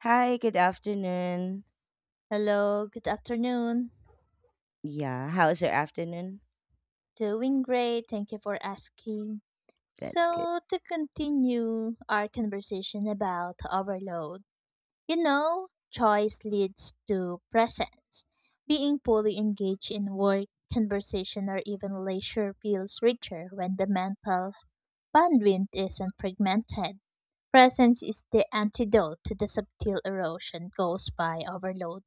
Hi, good afternoon. Hello, good afternoon. Yeah, how's your afternoon? Doing great, thank you for asking. That's good. So, to continue our conversation about overload, you know, choice leads to presence. Being fully engaged in work, conversation, or even leisure feels richer when the mental bandwidth isn't fragmented. Presence is the antidote to the subtle erosion caused by overload.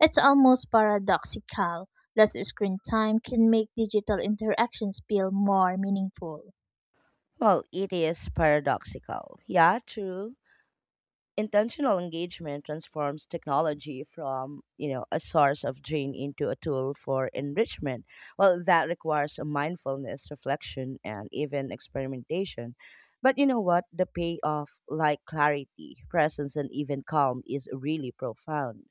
It's almost paradoxical. Less screen time can make digital interactions feel more meaningful Well, it is paradoxical. Yeah, true. Intentional engagement transforms technology from, a source of drain into a tool for enrichment. Well, that requires a mindfulness, reflection, and even experimentation. But you know what? The payoff, like clarity, presence, and even calm, is really profound.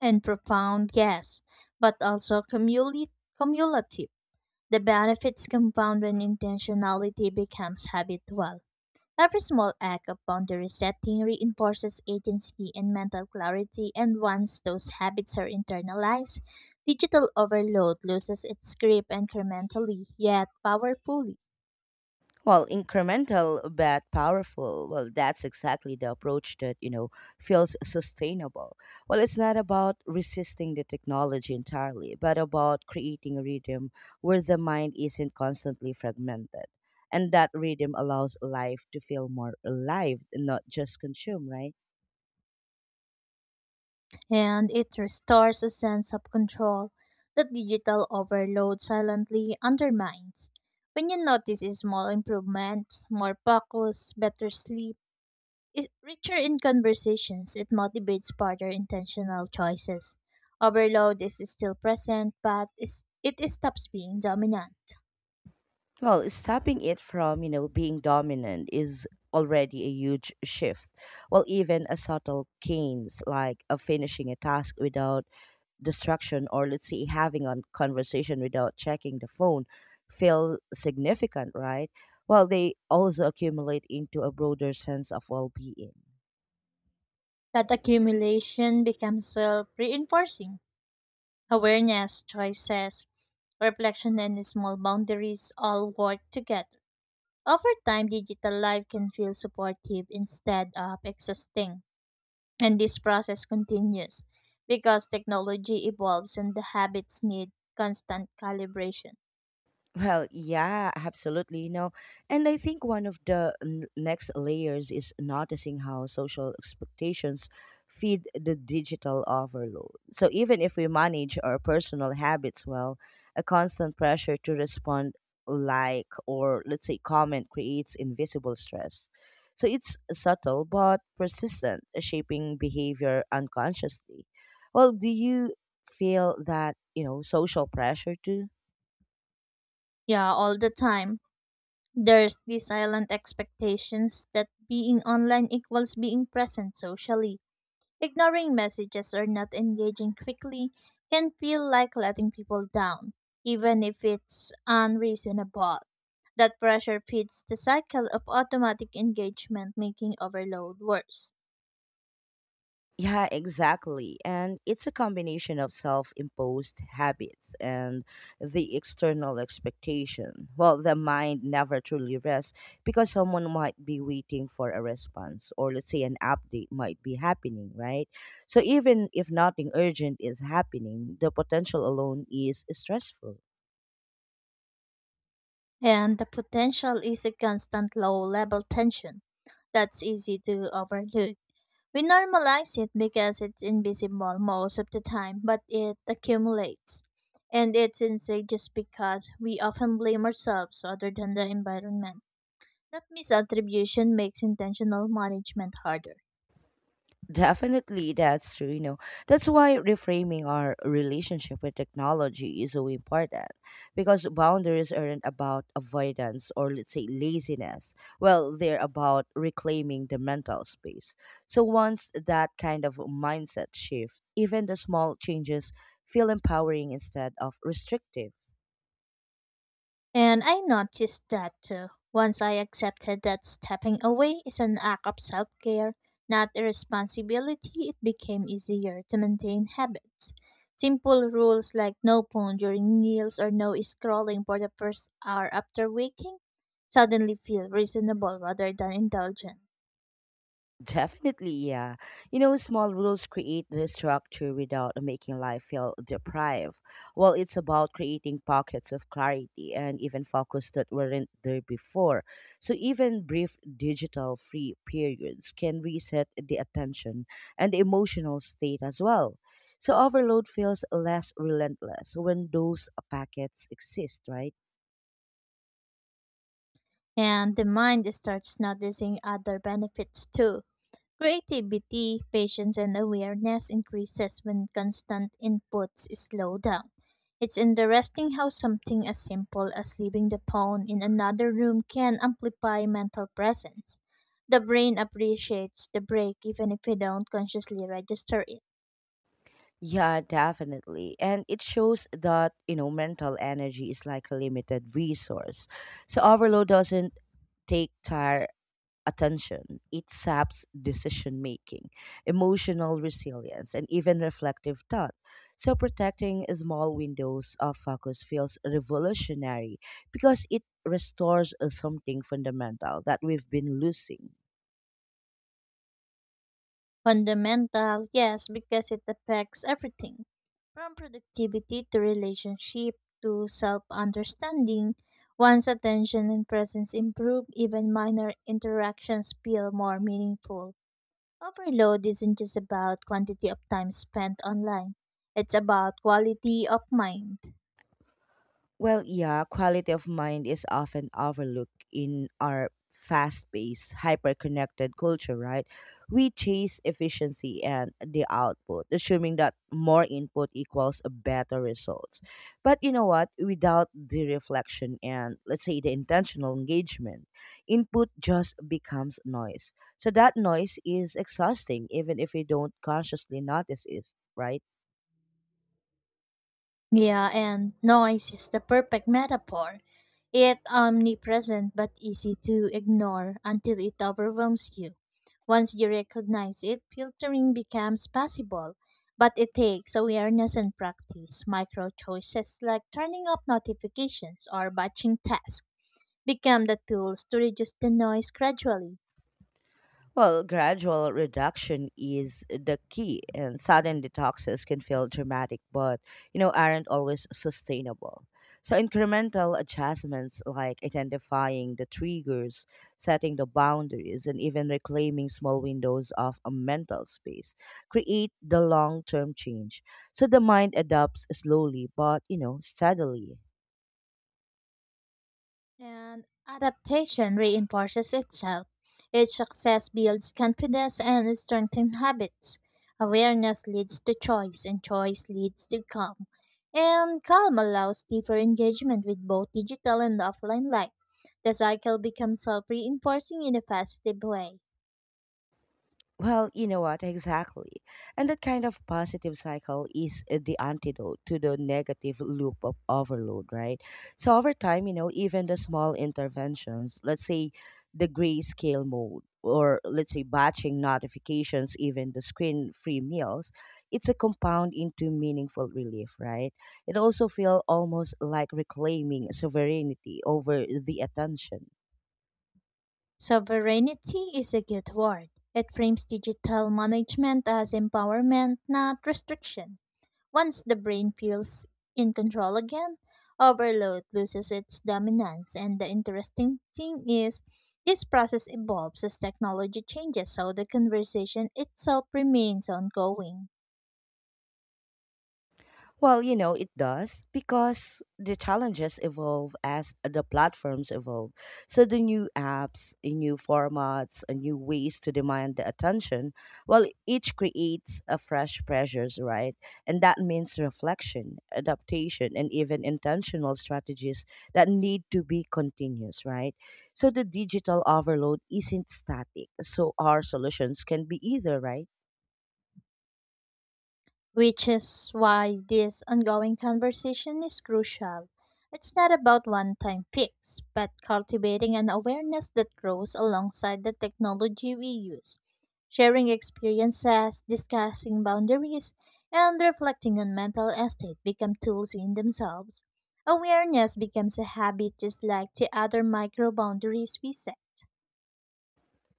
and profound, yes, but also cumulative. The benefits compound when intentionality becomes habitual. Every small act of boundary setting reinforces agency and mental clarity, and once those habits are internalized, digital overload loses its grip incrementally yet powerfully. Well, incremental but powerful. Well, that's exactly the approach that, feels sustainable. Well, it's not about resisting the technology entirely, but about creating a rhythm where the mind isn't constantly fragmented. And that rhythm allows life to feel more alive, not just consumed, right? And it restores a sense of control that digital overload silently undermines. When you notice small improvements, more focus, better sleep, is richer in conversations, it motivates further intentional choices. Overload is still present, but it stops being dominant. Well, stopping it from, being dominant is already a huge shift. Well, even a subtle gains like a finishing a task without distraction or let's say having a conversation without checking the phone feel significant, right? Well, they also accumulate into a broader sense of well being. That accumulation becomes self reinforcing. Awareness, choices, reflection, and small boundaries all work together. Over time, digital life can feel supportive instead of exhausting. And this process continues because technology evolves and the habits need constant calibration. Well, yeah, absolutely. You know, and I think one of the next layers is noticing how social expectations feed the digital overload. So even if we manage our personal habits well, a constant pressure to respond like or let's say comment creates invisible stress. So it's subtle but persistent, shaping behavior unconsciously. Well, do you feel that, social pressure too? Yeah, all the time. There's the silent expectations that being online equals being present socially. Ignoring messages or not engaging quickly can feel like letting people down, even if it's unreasonable. That pressure feeds the cycle of automatic engagement, making overload worse. Yeah, exactly. And it's a combination of self imposed habits and the external expectation. Well, the mind never truly rests because someone might be waiting for a response, or let's say an update might be happening, right? So even if nothing urgent is happening, the potential alone is stressful. And the potential is a constant low level tension that's easy to overlook. We normalize it because it's invisible most of the time, but it accumulates. And it's insane just because we often blame ourselves rather than the environment. That misattribution makes intentional management harder. Definitely, that's true. You know, that's why reframing our relationship with technology is so important because boundaries aren't about avoidance or, let's say, laziness. Well, they're about reclaiming the mental space. So, once that kind of mindset shift, even the small changes feel empowering instead of restrictive. And I noticed that too. Once I accepted that stepping away is an act of self care, not a responsibility, it became easier to maintain habits. Simple rules like no phone during meals or no scrolling for the first hour after waking suddenly feel reasonable rather than indulgent. Definitely, yeah. You know, small rules create the structure without making life feel deprived. Well, it's about creating pockets of clarity and even focus that weren't there before. So, even brief digital free periods can reset the attention and emotional state as well. So, overload feels less relentless when those packets exist, right? And the mind starts noticing other benefits too. Creativity, patience, and awareness increases when constant inputs slow down. It's interesting how something as simple as leaving the phone in another room can amplify mental presence. The brain appreciates the break even if we don't consciously register it. Yeah, definitely. And it shows that, mental energy is like a limited resource. So overload doesn't take tire attention. It saps decision making, emotional resilience, and even reflective thought. So protecting small windows of focus feels revolutionary because it restores something fundamental that we've been losing. Fundamental, yes, because it affects everything from productivity to relationship to self understanding. Once attention and presence improve, even minor interactions feel more meaningful. Overload isn't just about quantity of time spent online, it's about quality of mind. Well, yeah, quality of mind is often overlooked in our fast paced, hyper connected culture, right? We chase efficiency and the output, assuming that more input equals a better results. But you know what? Without the reflection and, let's say, the intentional engagement, input just becomes noise. So that noise is exhausting, even if we don't consciously notice it, right? Yeah, and noise is the perfect metaphor. It's omnipresent but easy to ignore until it overwhelms you. Once you recognize it, filtering becomes possible, but it takes awareness and practice. Micro choices like turning off notifications or batching tasks become the tools to reduce the noise gradually. Well, gradual reduction is the key, and sudden detoxes can feel dramatic, but aren't always sustainable. So incremental adjustments like identifying the triggers, setting the boundaries, and even reclaiming small windows of a mental space create the long-term change. So the mind adapts slowly, but steadily. And adaptation reinforces itself. Each success builds confidence and strengthens habits. Awareness leads to choice, and choice leads to calm. And calm allows deeper engagement with both digital and offline life. The cycle becomes self reinforcing in a positive way. Well, you know what? Exactly. And that kind of positive cycle is the antidote to the negative loop of overload, right? So, over time, even the small interventions, let's say the grayscale mode, or let's say batching notifications, even the screen free meals, it's a compound into meaningful relief, right? It also feels almost like reclaiming sovereignty over the attention. Sovereignty is a good word. It frames digital management as empowerment, not restriction. Once the brain feels in control again, overload loses its dominance. And the interesting thing is, this process evolves as technology changes, so the conversation itself remains ongoing. Well, it does because the challenges evolve as the platforms evolve. So the new apps, the new formats, and new ways to demand the attention, well, each creates a fresh pressures, right? And that means reflection, adaptation, and even intentional strategies that need to be continuous, right? So the digital overload isn't static. So our solutions can be either, right? Which is why this ongoing conversation is crucial. It's not about one time fix, but cultivating an awareness that grows alongside the technology we use, sharing experiences, discussing boundaries, and reflecting on mental estate become tools in themselves. Awareness becomes a habit just like the other micro boundaries we set.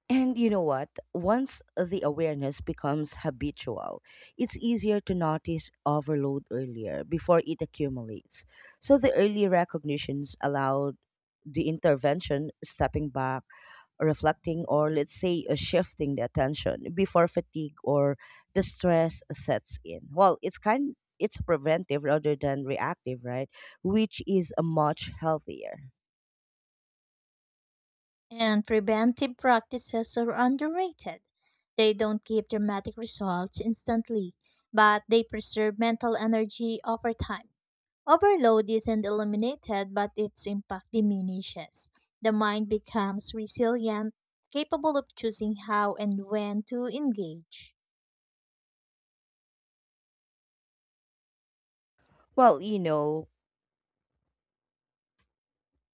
And you know what? Once the awareness becomes habitual, it's easier to notice overload earlier before it accumulates. So the early recognitions allowed the intervention, stepping back, reflecting, or let's say shifting the attention before fatigue or the stress sets in. Well, it's preventive rather than reactive, right? Which is much healthier. And preventive practices are underrated. They don't give dramatic results instantly, but they preserve mental energy over time. Overload isn't eliminated, but its impact diminishes. The mind becomes resilient, capable of choosing how and when to engage. Well,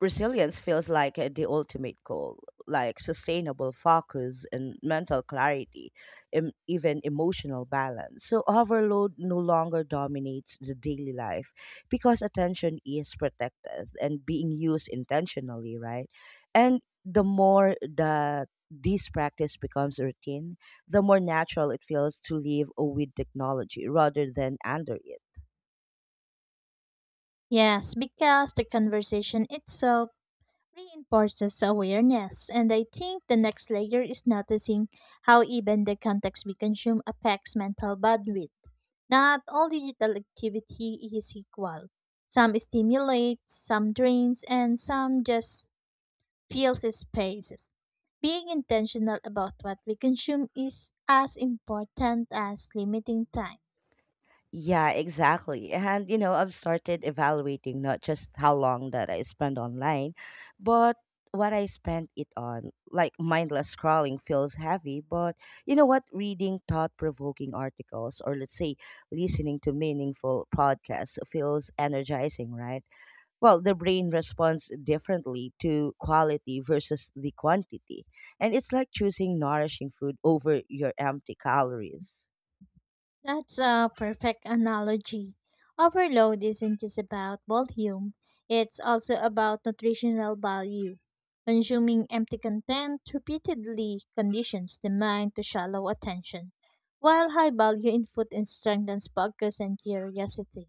resilience feels like the ultimate goal, like sustainable focus and mental clarity, and even emotional balance. So, overload no longer dominates the daily life because attention is protected and being used intentionally, right? And the more that this practice becomes routine, the more natural it feels to live with technology rather than under it. Yes, because the conversation itself reinforces awareness. And I think the next layer is noticing how even the context we consume affects mental bandwidth. Not all digital activity is equal. Some stimulate, some drains, and some just fills spaces. Being intentional about what we consume is as important as limiting time. Yeah, exactly. And you know, I've started evaluating not just how long that I spend online, but what I spend it on. Like mindless scrolling feels heavy, but you know what? Reading thought provoking articles or let's say listening to meaningful podcasts feels energizing, right? Well, the brain responds differently to quality versus the quantity, and it's like choosing nourishing food over your empty calories. That's a perfect analogy. Overload isn't just about volume, it's also about nutritional value. Consuming empty content repeatedly conditions the mind to shallow attention, while high value input strengthens focus and curiosity.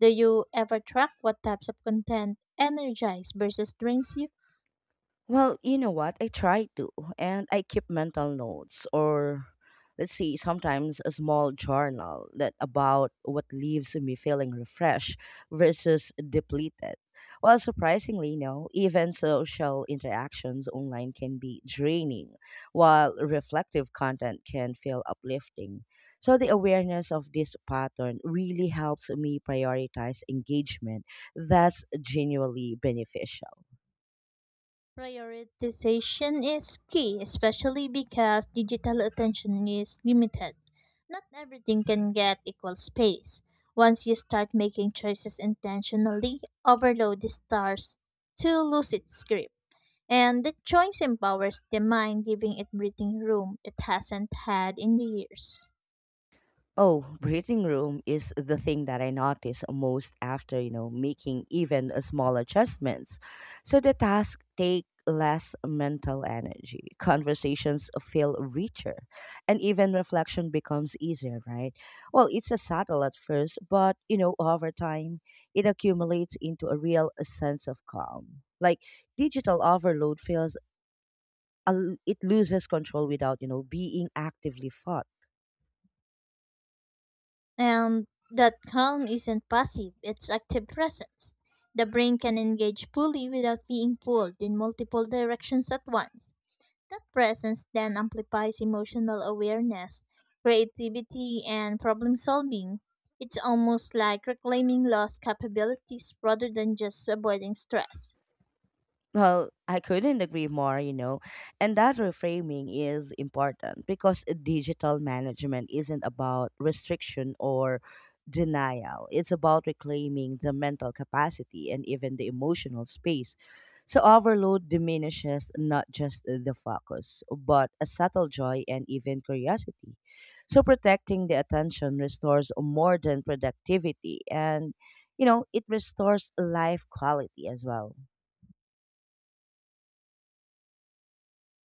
Do you ever track what types of content energize versus drains you? Well, you know what? I try to, and I keep mental notes or let's see, sometimes a small journal that about what leaves me feeling refreshed versus depleted. Well, surprisingly, no, even social interactions online can be draining, while reflective content can feel uplifting. So the awareness of this pattern really helps me prioritize engagement that's genuinely beneficial. Prioritization is key, especially because digital attention is limited. Not everything can get equal space. Once you start making choices intentionally, overload starts to lose its grip. And the choice empowers the mind, giving it breathing room it hasn't had in the years. Oh, breathing room is the thing that I notice most after, making even a small adjustments. So the tasks take less mental energy. Conversations feel richer and even reflection becomes easier, right? Well, it's a subtle at first, but over time it accumulates into a real sense of calm. Like digital overload feels it loses control without being actively fought. And that calm isn't passive, it's active presence. The brain can engage fully without being pulled in multiple directions at once. That presence then amplifies emotional awareness, creativity, and problem solving. It's almost like reclaiming lost capabilities rather than just avoiding stress. Well, I couldn't agree more, you know. And that reframing is important because digital management isn't about restriction or denial. It's about reclaiming the mental capacity and even the emotional space. So, overload diminishes not just the focus, but a subtle joy and even curiosity. So, protecting the attention restores more than productivity and, it restores life quality as well.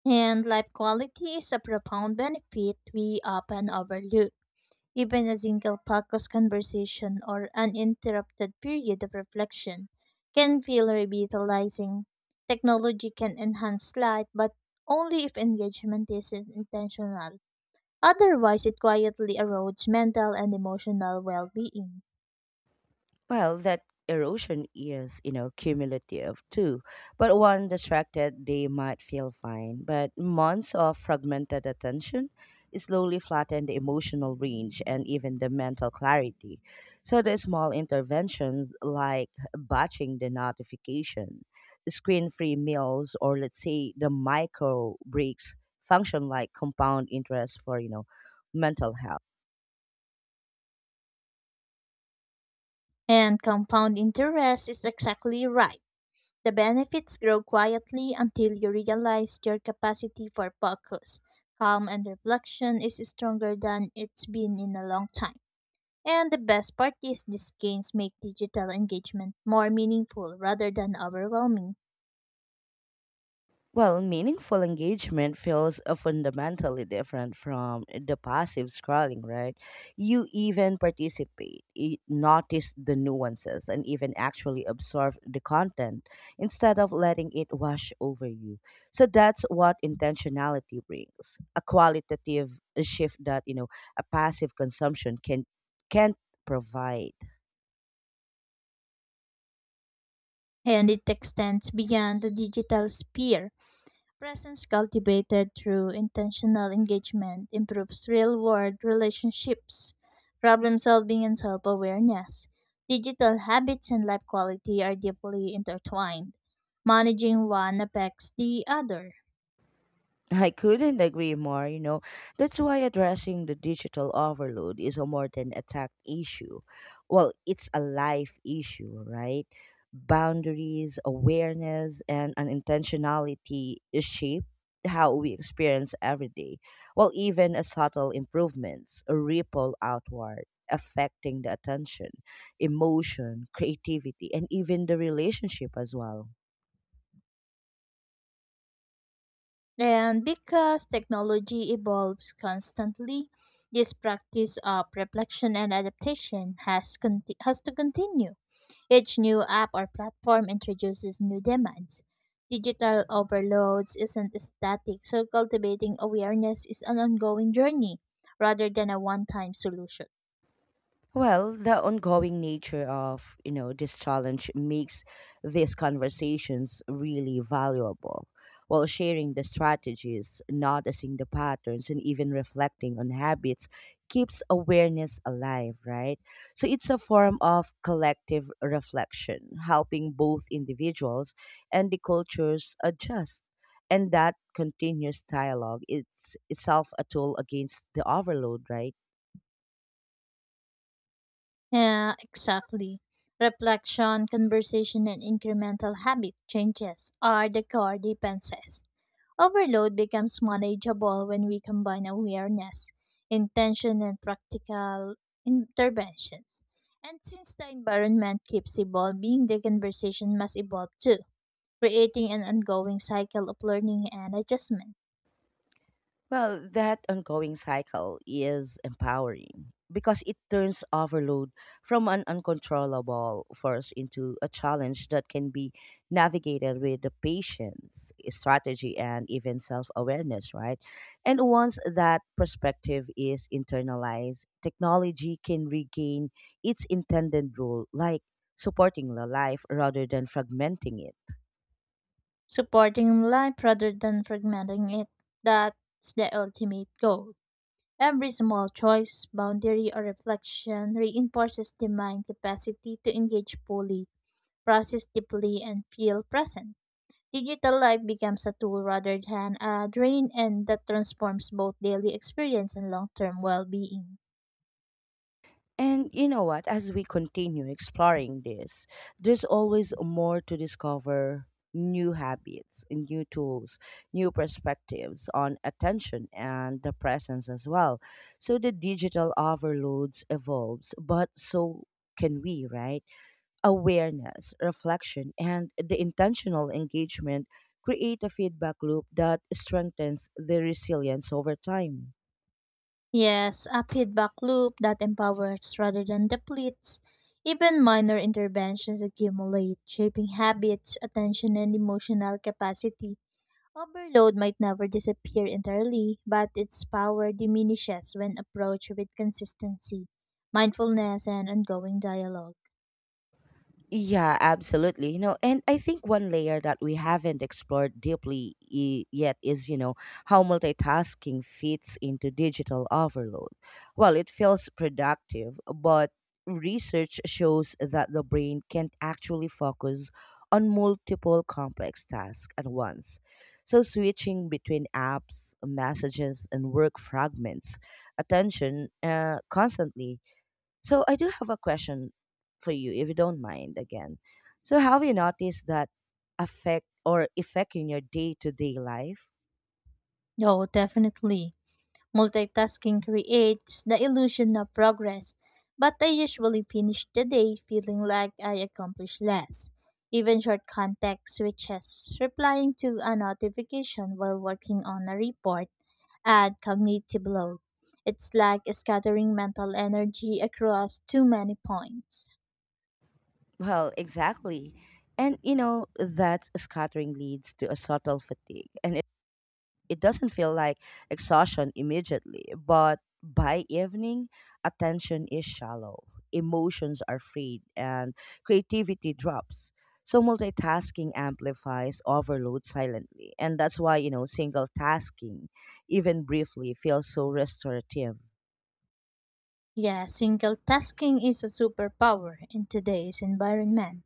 And life quality is a profound benefit we often overlook. Even a single focused conversation or uninterrupted period of reflection can feel revitalizing. Technology can enhance life, but only if engagement is intentional. Otherwise, it quietly erodes mental and emotional well being. Well, that erosion is, cumulative too. But one distracted, they might feel fine. But months of fragmented attention slowly flatten the emotional range and even the mental clarity. So the small interventions like batching the notification, screen-free meals, or let's say the micro breaks function like compound interest for, mental health. And compound interest is exactly right. The benefits grow quietly until you realize your capacity for focus, calm, and reflection is stronger than it's been in a long time. And the best part is these gains make digital engagement more meaningful rather than overwhelming. Well, meaningful engagement feels fundamentally different from the passive scrolling, right? You even participate, you notice the nuances, and even actually absorb the content instead of letting it wash over you. So that's what intentionality brings a qualitative shift that, a passive consumption can't provide. And it extends beyond the digital sphere. Presence cultivated through intentional engagement improves real world relationships, problem solving, and self awareness. Digital habits and life quality are deeply intertwined. Managing one affects the other. I couldn't agree more, you know. That's why addressing the digital overload is a more than a tech issue. Well, it's a life issue, right? Boundaries, awareness, and an intentionality shape how we experience every day. Well, even a subtle improvements ripple outward, affecting the attention, emotion, creativity, and even the relationship as well. And because technology evolves constantly, this practice of reflection and adaptation has to continue. Each new app or platform introduces new demands. Digital overloads isn't static, so cultivating awareness is an ongoing journey rather than a one time solution. Well, the ongoing nature of, this challenge makes these conversations really valuable. While sharing the strategies, noticing the patterns, and even reflecting on habits keeps awareness alive, right? So it's a form of collective reflection, helping both individuals and the cultures adjust. And that continuous dialogue, it's itself a tool against the overload, right? Yeah, exactly. Reflection, conversation, and incremental habit changes are the core defenses. Overload becomes manageable when we combine awareness, intention, and practical interventions. And since the environment keeps evolving, the conversation must evolve too, creating an ongoing cycle of learning and adjustment, Well, that ongoing cycle is empowering because it turns overload from an uncontrollable force into a challenge that can be navigated with the patience, strategy, and even self awareness, right? And once that perspective is internalized, technology can regain its intended role, like supporting the life rather than fragmenting it. supporting life rather than fragmenting it. That's the ultimate goal. Every small choice, boundary, or reflection reinforces the mind capacity to engage fully, process deeply, and feel present. Digital life becomes a tool rather than a drain, and that transforms both daily experience and long term well being. And you know what? As we continue exploring this, there's always more to discover, new habits, new tools, new perspectives on attention and the presence as well. So the digital overloads evolves, but so can we, right? Awareness, reflection, and the intentional engagement create a feedback loop that strengthens the resilience over time. Yes, a feedback loop that empowers rather than depletes. Even minor interventions accumulate, shaping habits, attention, and emotional capacity. Overload might never disappear entirely, but its power diminishes when approached with consistency, mindfulness, and ongoing dialogue. Yeah, absolutely. You know, and I think one layer that we haven't explored deeply yet is, how multitasking fits into digital overload. Well, it feels productive, but research shows that the brain can't actually focus on multiple complex tasks at once. So, switching between apps, messages, and work fragments attention constantly. So I do have a question for you, if you don't mind again. So have you noticed that affect or effect in your day to day life? Oh, definitely. Multitasking creates the illusion of progress, but I usually finish the day feeling like I accomplished less. Even short context switches, replying to a notification while working on a report, add cognitive load. It's like scattering mental energy across too many points. Well, exactly. And you know, that scattering leads to a subtle fatigue and it doesn't feel like exhaustion immediately, but by evening, attention is shallow, emotions are frayed, and creativity drops. So multitasking amplifies overload silently, and that's why single tasking, even briefly, feels so restorative. Yeah, single tasking is a superpower in today's environment.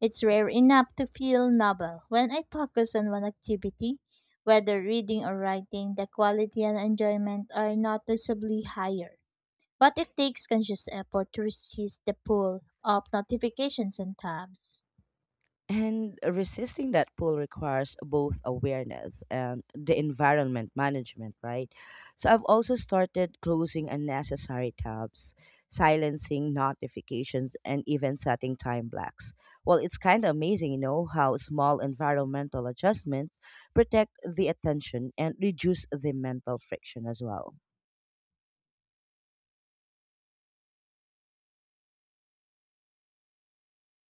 It's rare enough to feel novel. When I focus on one activity, whether reading or writing, the quality and enjoyment are noticeably higher. But it takes conscious effort to resist the pull of notifications and tabs. And resisting that pull requires both awareness and the environment management, right? So I've also started closing unnecessary tabs, silencing notifications, and even setting time blocks. Well, it's kind of amazing, how small environmental adjustments protect the attention and reduce the mental friction as well.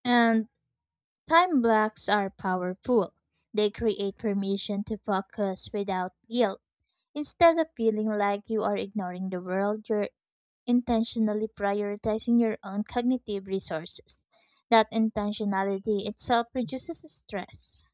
And time blocks are powerful. They create permission to focus without guilt. Instead of feeling like you are ignoring the world, you're intentionally prioritizing your own cognitive resources. That intentionality itself reduces stress.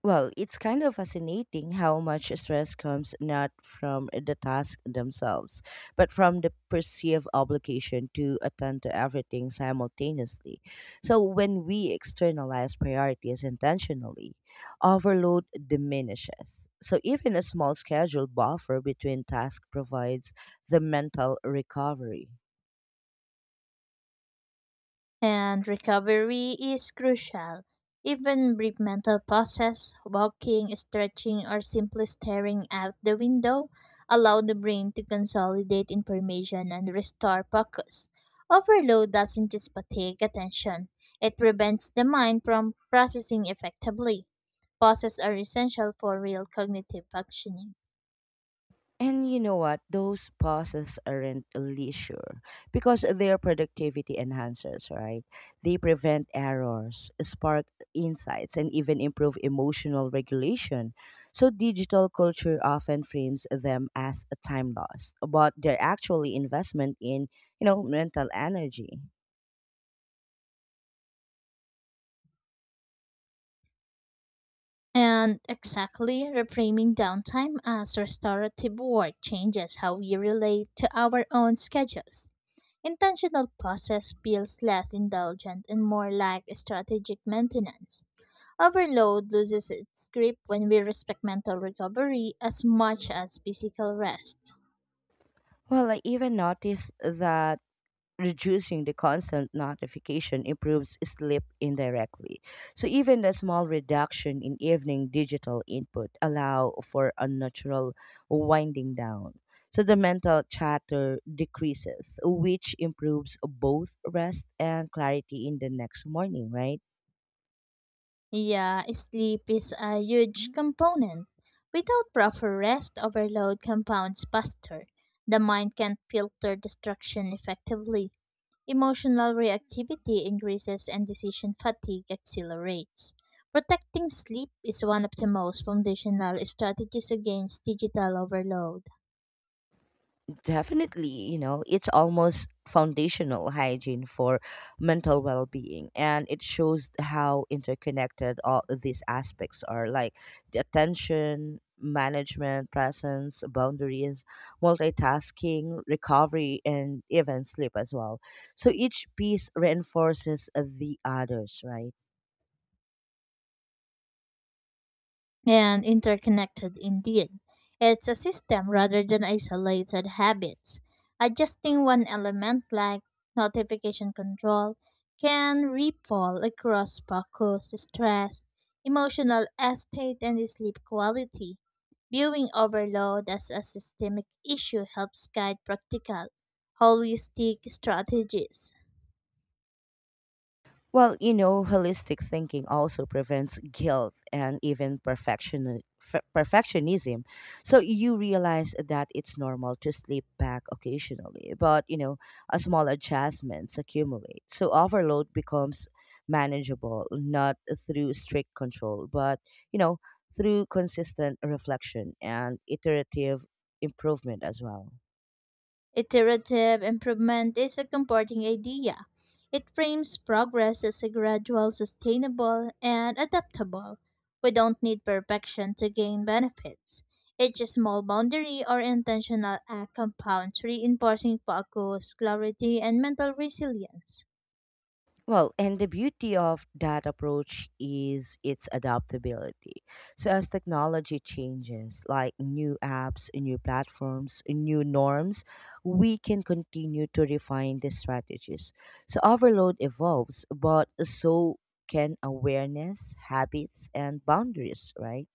Well, it's kind of fascinating how much stress comes not from the task themselves, but from the perceived obligation to attend to everything simultaneously. So, when we externalize priorities intentionally, overload diminishes. So, even a small schedule buffer between tasks provides the mental recovery. And recovery is crucial. Even brief mental pauses, walking, stretching, or simply staring out the window allow the brain to consolidate information and restore focus. Overload doesn't just fatigue attention, it prevents the mind from processing effectively. Pauses are essential for real cognitive functioning. And you know what? Those pauses aren't leisure because they're productivity enhancers, right? They prevent errors, spark insights, and even improve emotional regulation. So, digital culture often frames them as a time lost, but they're actually investment in, mental energy. And exactly, reframing downtime as restorative work changes how we relate to our own schedules. Intentional process feels less indulgent and more like strategic maintenance. Overload loses its grip when we respect mental recovery as much as physical rest. Well, I even noticed that reducing the constant notification improves sleep indirectly. So even the small reduction in evening digital input allow for a natural winding down. So the mental chatter decreases, which improves both rest and clarity in the next morning, right? Yeah, sleep is a huge component. Without proper rest, overload compounds faster. The mind can't filter distraction effectively. Emotional reactivity increases and decision fatigue accelerates. Protecting sleep is one of the most foundational strategies against digital overload. Definitely, it's almost foundational hygiene for mental well being. And it shows how interconnected all these aspects are like the attention, management, presence, boundaries, multitasking, recovery, and even sleep as well. So each piece reinforces the others, right? And interconnected indeed. It's a system rather than isolated habits. Adjusting one element like notification control can ripple across focus, stress, emotional state, and sleep quality. Viewing overload as a systemic issue helps guide practical, holistic strategies. Well, holistic thinking also prevents guilt and even perfectionism. So you realize that it's normal to sleep back occasionally, but a small adjustments accumulate. So overload becomes manageable not through strict control, but you know, through consistent reflection and iterative improvement as well. Iterative improvement is a comforting idea. It frames progress as a gradual, sustainable, and adaptable. We don't need perfection to gain benefits. Each small boundary or intentional act compounds, reinforcing focus, clarity, and mental resilience. Well, and the beauty of that approach is its adaptability. So, as technology changes, like new apps, new platforms, new norms, we can continue to refine the strategies. So, overload evolves, but so can awareness, habits, and boundaries, right?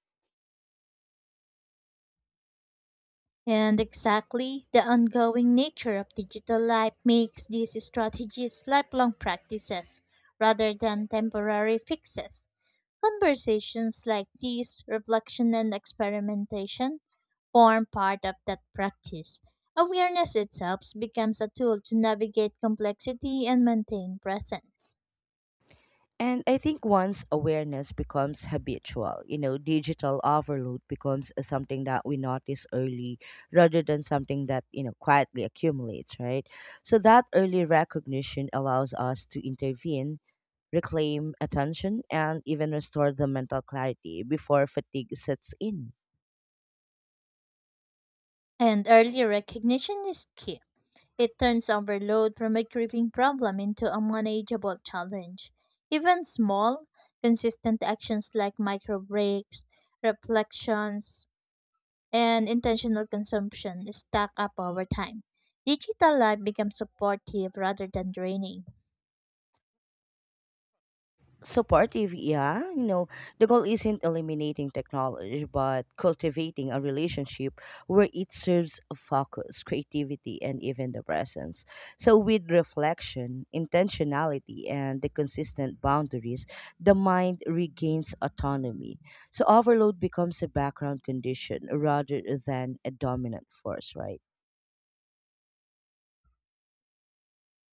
And exactly, the ongoing nature of digital life makes these strategies lifelong practices rather than temporary fixes. Conversations like these, reflection and experimentation, form part of that practice. Awareness itself becomes a tool to navigate complexity and maintain presence. And I think once awareness becomes habitual, digital overload becomes something that we notice early rather than something that, quietly accumulates, right? So that early recognition allows us to intervene, reclaim attention, and even restore the mental clarity before fatigue sets in. And early recognition is key. It turns overload from a creeping problem into a manageable challenge. Even small, consistent actions like micro breaks, reflections, and intentional consumption stack up over time. Digital life becomes supportive rather than draining. Supportive, yeah, you know, the goal isn't eliminating technology but cultivating a relationship where it serves focus, creativity, and even the presence. So with reflection, intentionality, and the consistent boundaries, the mind regains autonomy. So overload becomes a background condition rather than a dominant force, right?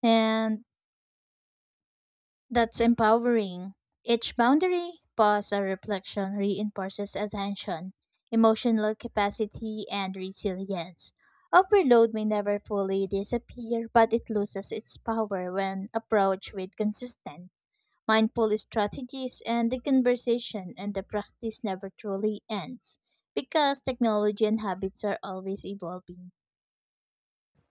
And That's empowering. Each boundary, pause, or reflection reinforces attention, emotional capacity, and resilience. Overload may never fully disappear, but it loses its power when approached with consistent, mindful strategies, and the conversation and the practice never truly ends because technology and habits are always evolving.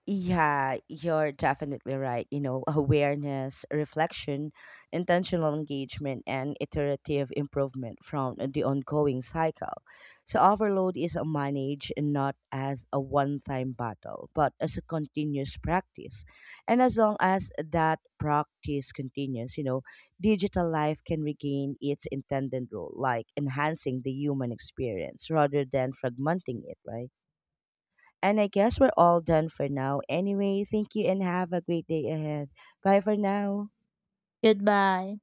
Yeah, you're definitely right. You know, awareness, reflection, intentional engagement, and iterative improvement from the ongoing cycle. So, overload is managed not as a one time battle, but as a continuous practice. And as long as that practice continues, digital life can regain its intended role, like enhancing the human experience rather than fragmenting it, right? And I guess we're all done for now. Anyway, thank you and have a great day ahead. Bye for now. Goodbye.